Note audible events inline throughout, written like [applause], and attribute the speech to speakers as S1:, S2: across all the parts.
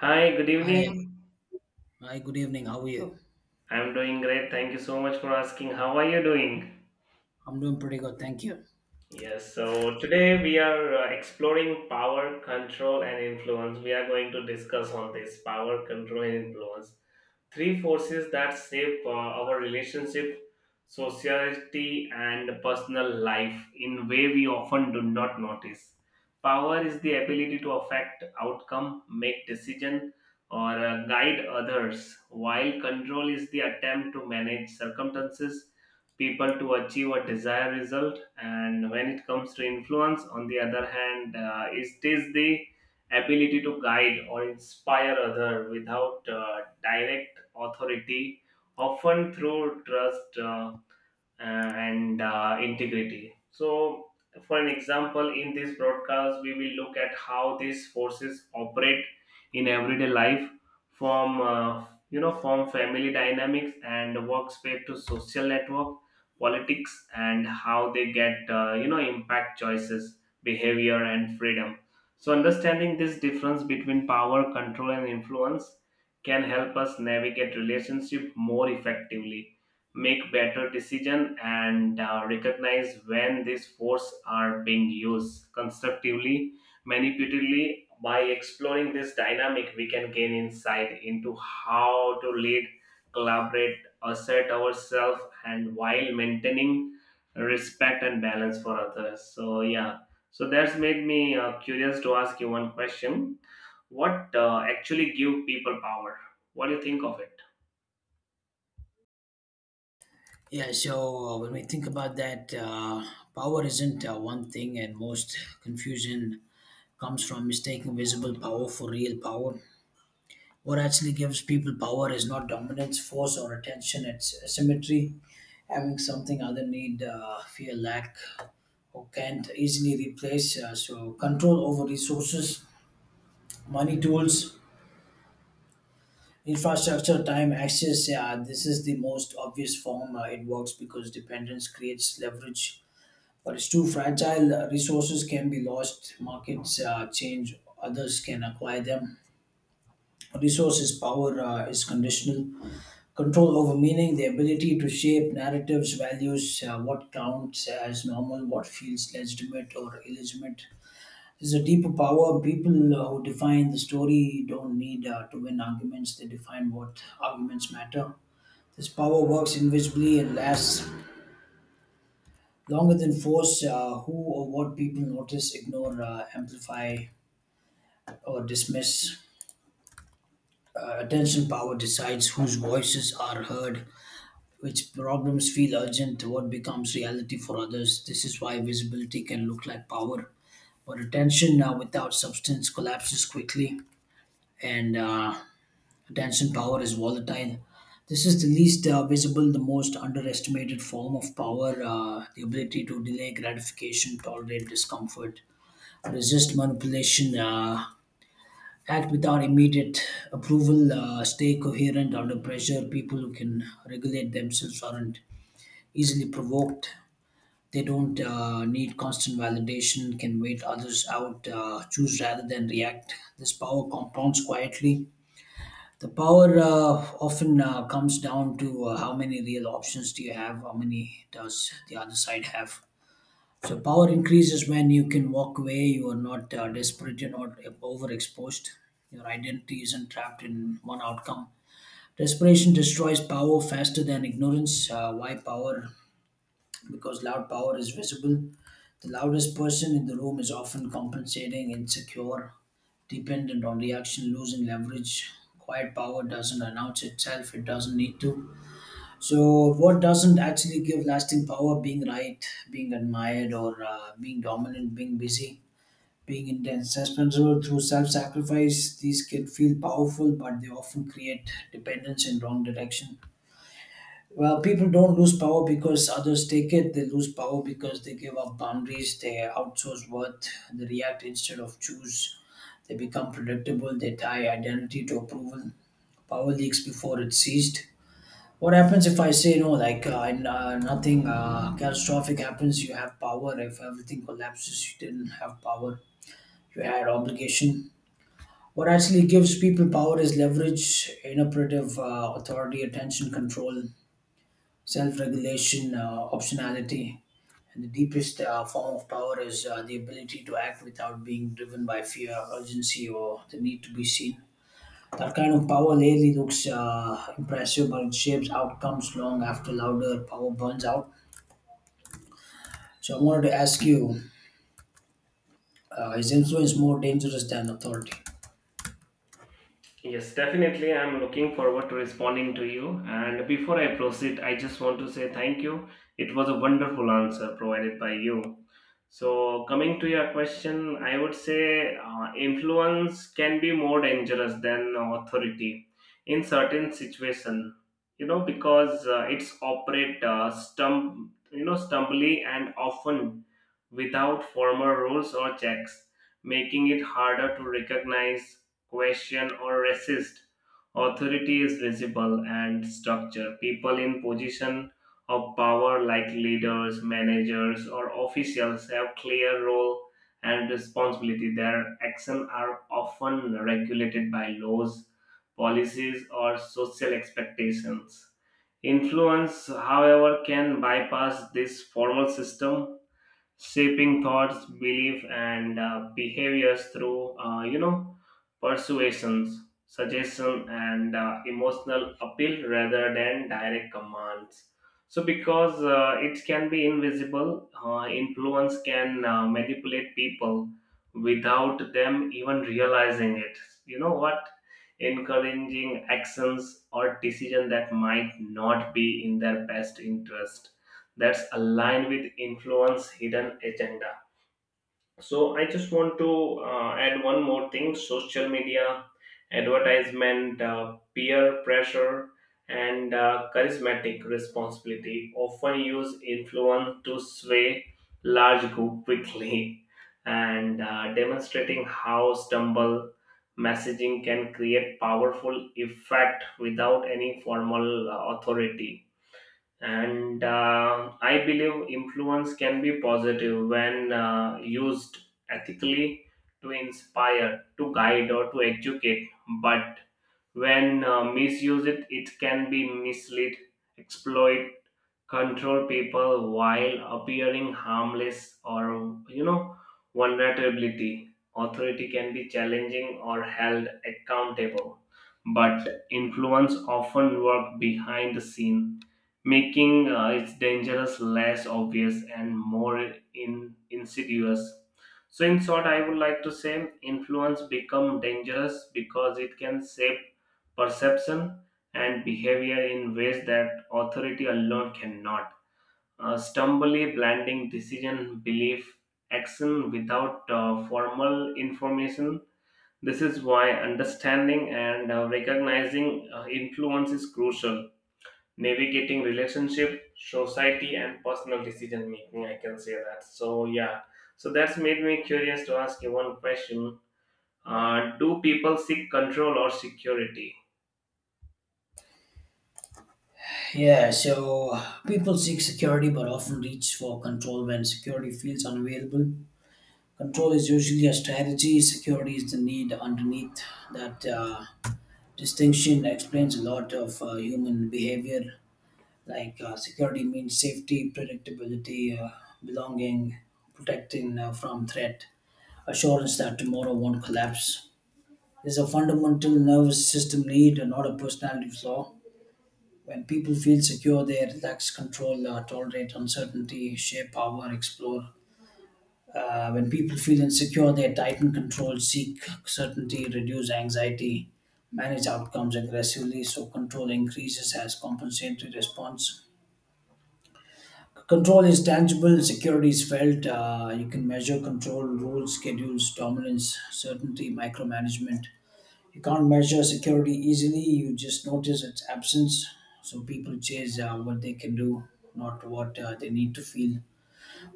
S1: Hi, good
S2: Hi,
S1: evening.
S2: hi, good evening. How are you?
S1: I'm doing great. Thank you so much for asking. How are you doing?
S2: I'm doing pretty good, thank you.
S1: Yes, so today we are exploring power, control, and influence. We are going to discuss on this power, control, and influence. Three forces that shape our relationship, society, and personal life in way we often do not notice. Power is the ability to affect outcome, make decision, or guide others, while control is the attempt to manage circumstances people to achieve a desired result and when it comes to influence on the other hand it is the ability to guide or inspire other without direct authority often through trust and integrity. So, for an example, in this broadcast, we will look at how these forces operate in everyday life, from from family dynamics and workspace to social network, politics, and how they get impact choices, behavior, and freedom. So, understanding this difference between power, control, and influence can help us navigate relationship more effectively, make better decision and recognize when these force are being used constructively manipulatively. By exploring this dynamic we can gain insight into how to lead, collaborate, assert ourselves and while maintaining respect and balance for others. So yeah, so that's made me curious to ask you one question. What actually give people power? What do you think of it?
S2: Yeah, so when we think about that, power isn't one thing, and most confusion comes from mistaking visible power for real power. What actually gives people power is not dominance, force, or attention, it's symmetry, having something other need, fear, lack, or can't easily replace. So, control over resources, money, tools, Infrastructure time access, yeah, this is the most obvious form. It works because dependence creates leverage, but it's too fragile. Resources can be lost, markets change, others can acquire them. Resources power is conditional. Control over meaning, the ability to shape narratives, values, what counts as normal, what feels legitimate or illegitimate. There's a deeper power. People who define the story don't need to win arguments, they define what arguments matter. This power works invisibly and lasts longer than force. Who or what people notice, ignore, amplify, or dismiss. Attention power decides whose voices are heard, which problems feel urgent, what becomes reality for others. This is why visibility can look like power, but attention without substance collapses quickly and Attention power is volatile. This is the least visible, the most underestimated form of power, the ability to delay gratification, tolerate discomfort, resist manipulation, act without immediate approval, stay coherent under pressure. People who can regulate themselves aren't easily provoked. They don't need constant validation, can wait others out, choose rather than react. This power compounds quietly. The power often comes down to how many real options do you have, how many does the other side have. So power increases when you can walk away, you are not desperate, you're not overexposed, your identity isn't trapped in one outcome. Desperation destroys power faster than ignorance. Why power? Because loud power is visible. The loudest person in the room is often compensating, insecure, dependent on reaction, losing leverage. Quiet power doesn't announce itself, it doesn't need to. So, what doesn't actually give lasting power? Being right, being admired, or being dominant, being busy, being intense, responsible through self sacrifice. These can feel powerful, but they often create dependence in wrong direction. Well, people don't lose power because others take it. They lose power because they give up boundaries. They outsource worth. They react instead of choose. They become predictable. They tie identity to approval. Power leaks before it's seized. What happens if I say no? Nothing catastrophic happens. You have power. If everything collapses, you didn't have power. You had obligation. What actually gives people power is leverage, inoperative authority, attention, control, self regulation, optionality. And the deepest form of power is the ability to act without being driven by fear, urgency, or the need to be seen. That kind of power lately looks impressive, but it shapes outcomes long after louder power burns out. So I wanted to ask you, is influence more dangerous than authority?
S1: Yes, definitely. I'm looking forward to responding to you. And before I proceed, I just want to say thank you. It was a wonderful answer provided by you. So, coming to your question, I would say influence can be more dangerous than authority in certain situation. You know, because it's operate stumbly and often without formal rules or checks, making it harder to recognize, question, or resist. Authority is visible and structure. People in position of power like leaders, managers, or officials have clear role and responsibility. Their actions are often regulated by laws, policies, or social expectations. Influence, however, can bypass this formal system shaping thoughts, belief, and behaviors through persuasions, suggestion, and emotional appeal rather than direct commands. So, because it can be invisible, influence can manipulate people without them even realizing it. You know what? Encouraging actions or decisions that might not be in their best interest, that's aligned with influence hidden agenda. So I just want to add one more thing. Social media advertisement, peer pressure, and charismatic responsibility often use influence to sway large group quickly [laughs] and demonstrating how stumble messaging can create powerful effect without any formal authority. And I believe influence can be positive when used ethically to inspire, to guide, or to educate. But when misused it can be mislead, exploit, control people while appearing harmless or, you know, vulnerability. Authority can be challenging or held accountable, but influence often work behind the scene, making its dangerous less obvious and more insidious. So in short I would like to say influence become dangerous because it can shape perception and behavior in ways that authority alone cannot. Stumbly blending decision, belief, action without formal information. This is why understanding and recognizing influence is crucial. Navigating relationship, society, and personal decision making. I can say that. So yeah. So that's made me curious to ask you one question. Do people seek control or security?
S2: Yeah, so people seek security but often reach for control when security feels unavailable. Control is usually a strategy, security is the need underneath. That distinction explains a lot of human behavior. Like, security means safety, predictability, belonging, protecting from threat, assurance that tomorrow won't collapse. It's a fundamental nervous system need, and not a personality flaw. When people feel secure, they relax, control, tolerate uncertainty, share power, explore. When people feel insecure, they tighten control, seek certainty, reduce anxiety, manage outcomes aggressively, so control increases as compensatory response. Control is tangible, security is felt. You can measure control, rules, schedules, dominance, certainty, micromanagement. You can't measure security easily, you just notice its absence. So people chase what they can do, not what they need to feel.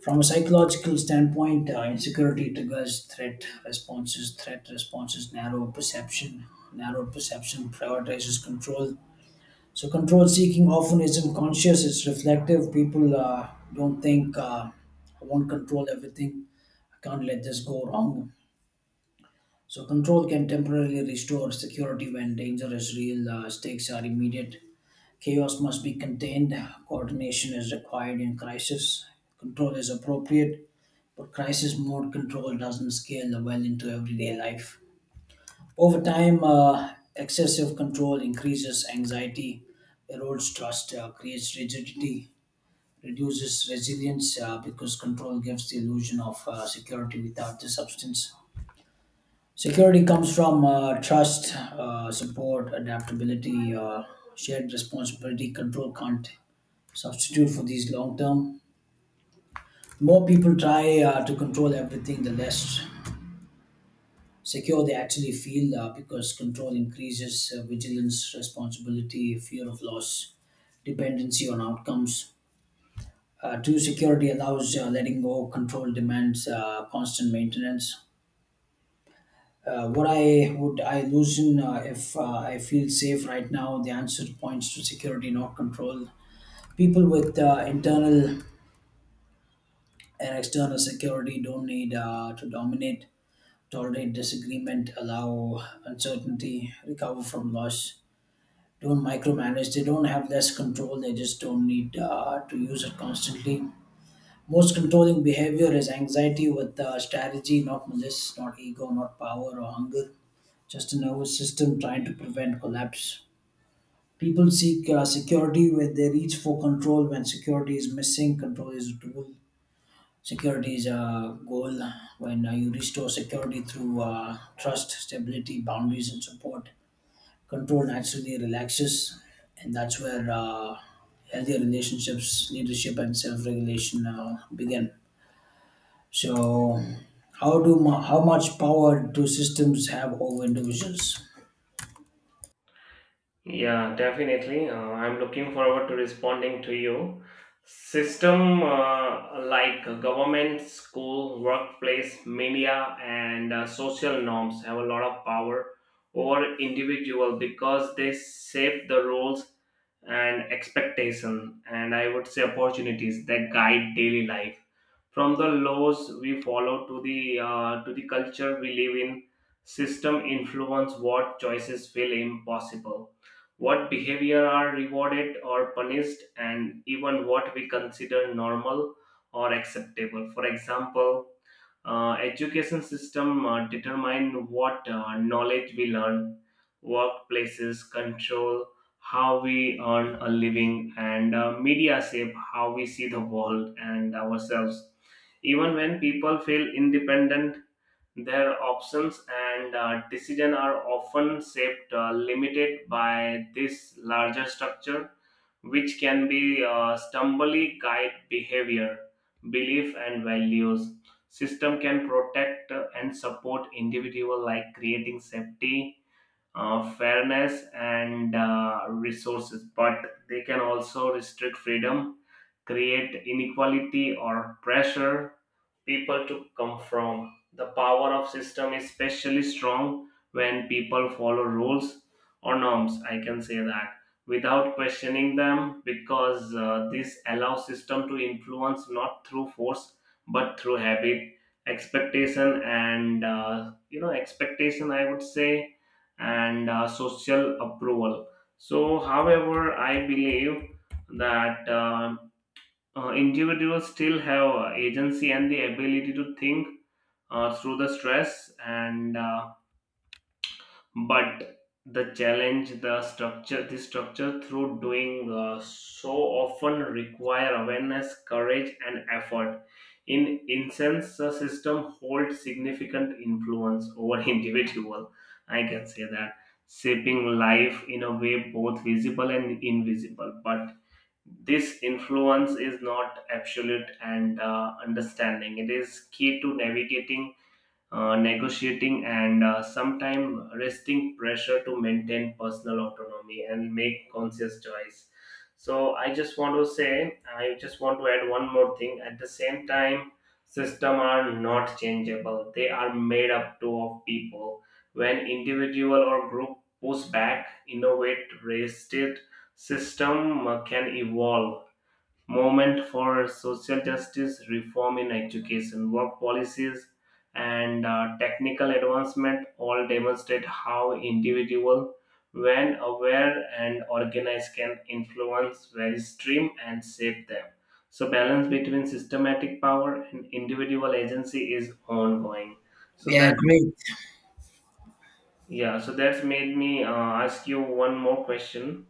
S2: From a psychological standpoint, insecurity triggers threat responses. Threat responses narrow perception. Narrow perception prioritizes control. So, control seeking often isn't conscious, it's reflective. People don't think, I won't control everything, I can't let this go wrong. So, control can temporarily restore security when danger is real, stakes are immediate. Chaos must be contained, coordination is required in crisis, control is appropriate, but crisis mode control doesn't scale well into everyday life. Over time, excessive control increases anxiety, erodes trust, creates rigidity, reduces resilience because control gives the illusion of security without the substance. Security comes from trust, support, adaptability, shared responsibility. Control can't substitute for these long term. The more people try to control everything, the less secure they actually feel because control increases vigilance, responsibility, fear of loss, dependency on outcomes. Two, security allows letting go, control demands constant maintenance. What I would I loosen if I feel safe right now? The answer points to security, not control. People with internal and external security don't need to dominate, tolerate disagreement, allow uncertainty, recover from loss, don't micromanage. They don't have less control. They just don't need to use it constantly. Most controlling behavior is anxiety with strategy, not malice, not ego, not power or hunger. Just a nervous system trying to prevent collapse. People seek security where they reach for control when security is missing. Control is a tool. Security is a goal. When you restore security through trust, stability, boundaries, and support, control naturally relaxes, and that's where healthy relationships leadership and self-regulation begin. So, how much power do systems have over individuals?
S1: Yeah, definitely. I'm looking forward to responding to you. System like government, school, workplace, media, and social norms have a lot of power over individual because they shape the roles and expectation and I would say opportunities that guide daily life, from the laws we follow to the culture we live in. System influence what choices feel impossible, what behavior are rewarded or punished, and even what we consider normal or acceptable. For example, education system determine what knowledge we learn, workplaces control how we earn a living, and media shape how we see the world and ourselves. Even when people feel independent, their options and decision are often shaped, limited by this larger structure, which can be stumbly guide behavior, belief, and values. System can protect and support individual like creating safety, fairness, and resources, but they can also restrict freedom, create inequality or pressure people to come from. The power of system is especially strong when people follow rules or norms, I can say that, without questioning them, because this allows system to influence not through force but through habit, expectation, and you know expectation I would say, and social approval. So however I believe that individuals still have agency and the ability to think through the stress and but the challenge the structure through doing so often require awareness, courage and effort. In instance the system holds significant influence over [laughs] individual, I can say that, shaping life in a way both visible and invisible, but this influence is not absolute and understanding it is key to navigating, negotiating and sometimes resting pressure to maintain personal autonomy and make conscious choice. I just want to add one more thing. At the same time, system are not changeable, they are made up to of people. When individual or group push back, innovate, resist it, system can evolve. Movement for social justice, reform in education, work policies, and technical advancement all demonstrate how individual, when aware and organized, can influence various stream and shape them. So balance between systematic power and individual agency is ongoing. So
S2: Yeah,
S1: that,
S2: great.
S1: yeah, so that's made me ask you one more question.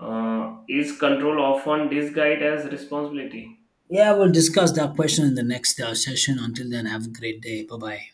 S1: Is control often disguised as responsibility?
S2: Yeah, we'll discuss that question in the next session. Until then, have a great day, bye bye.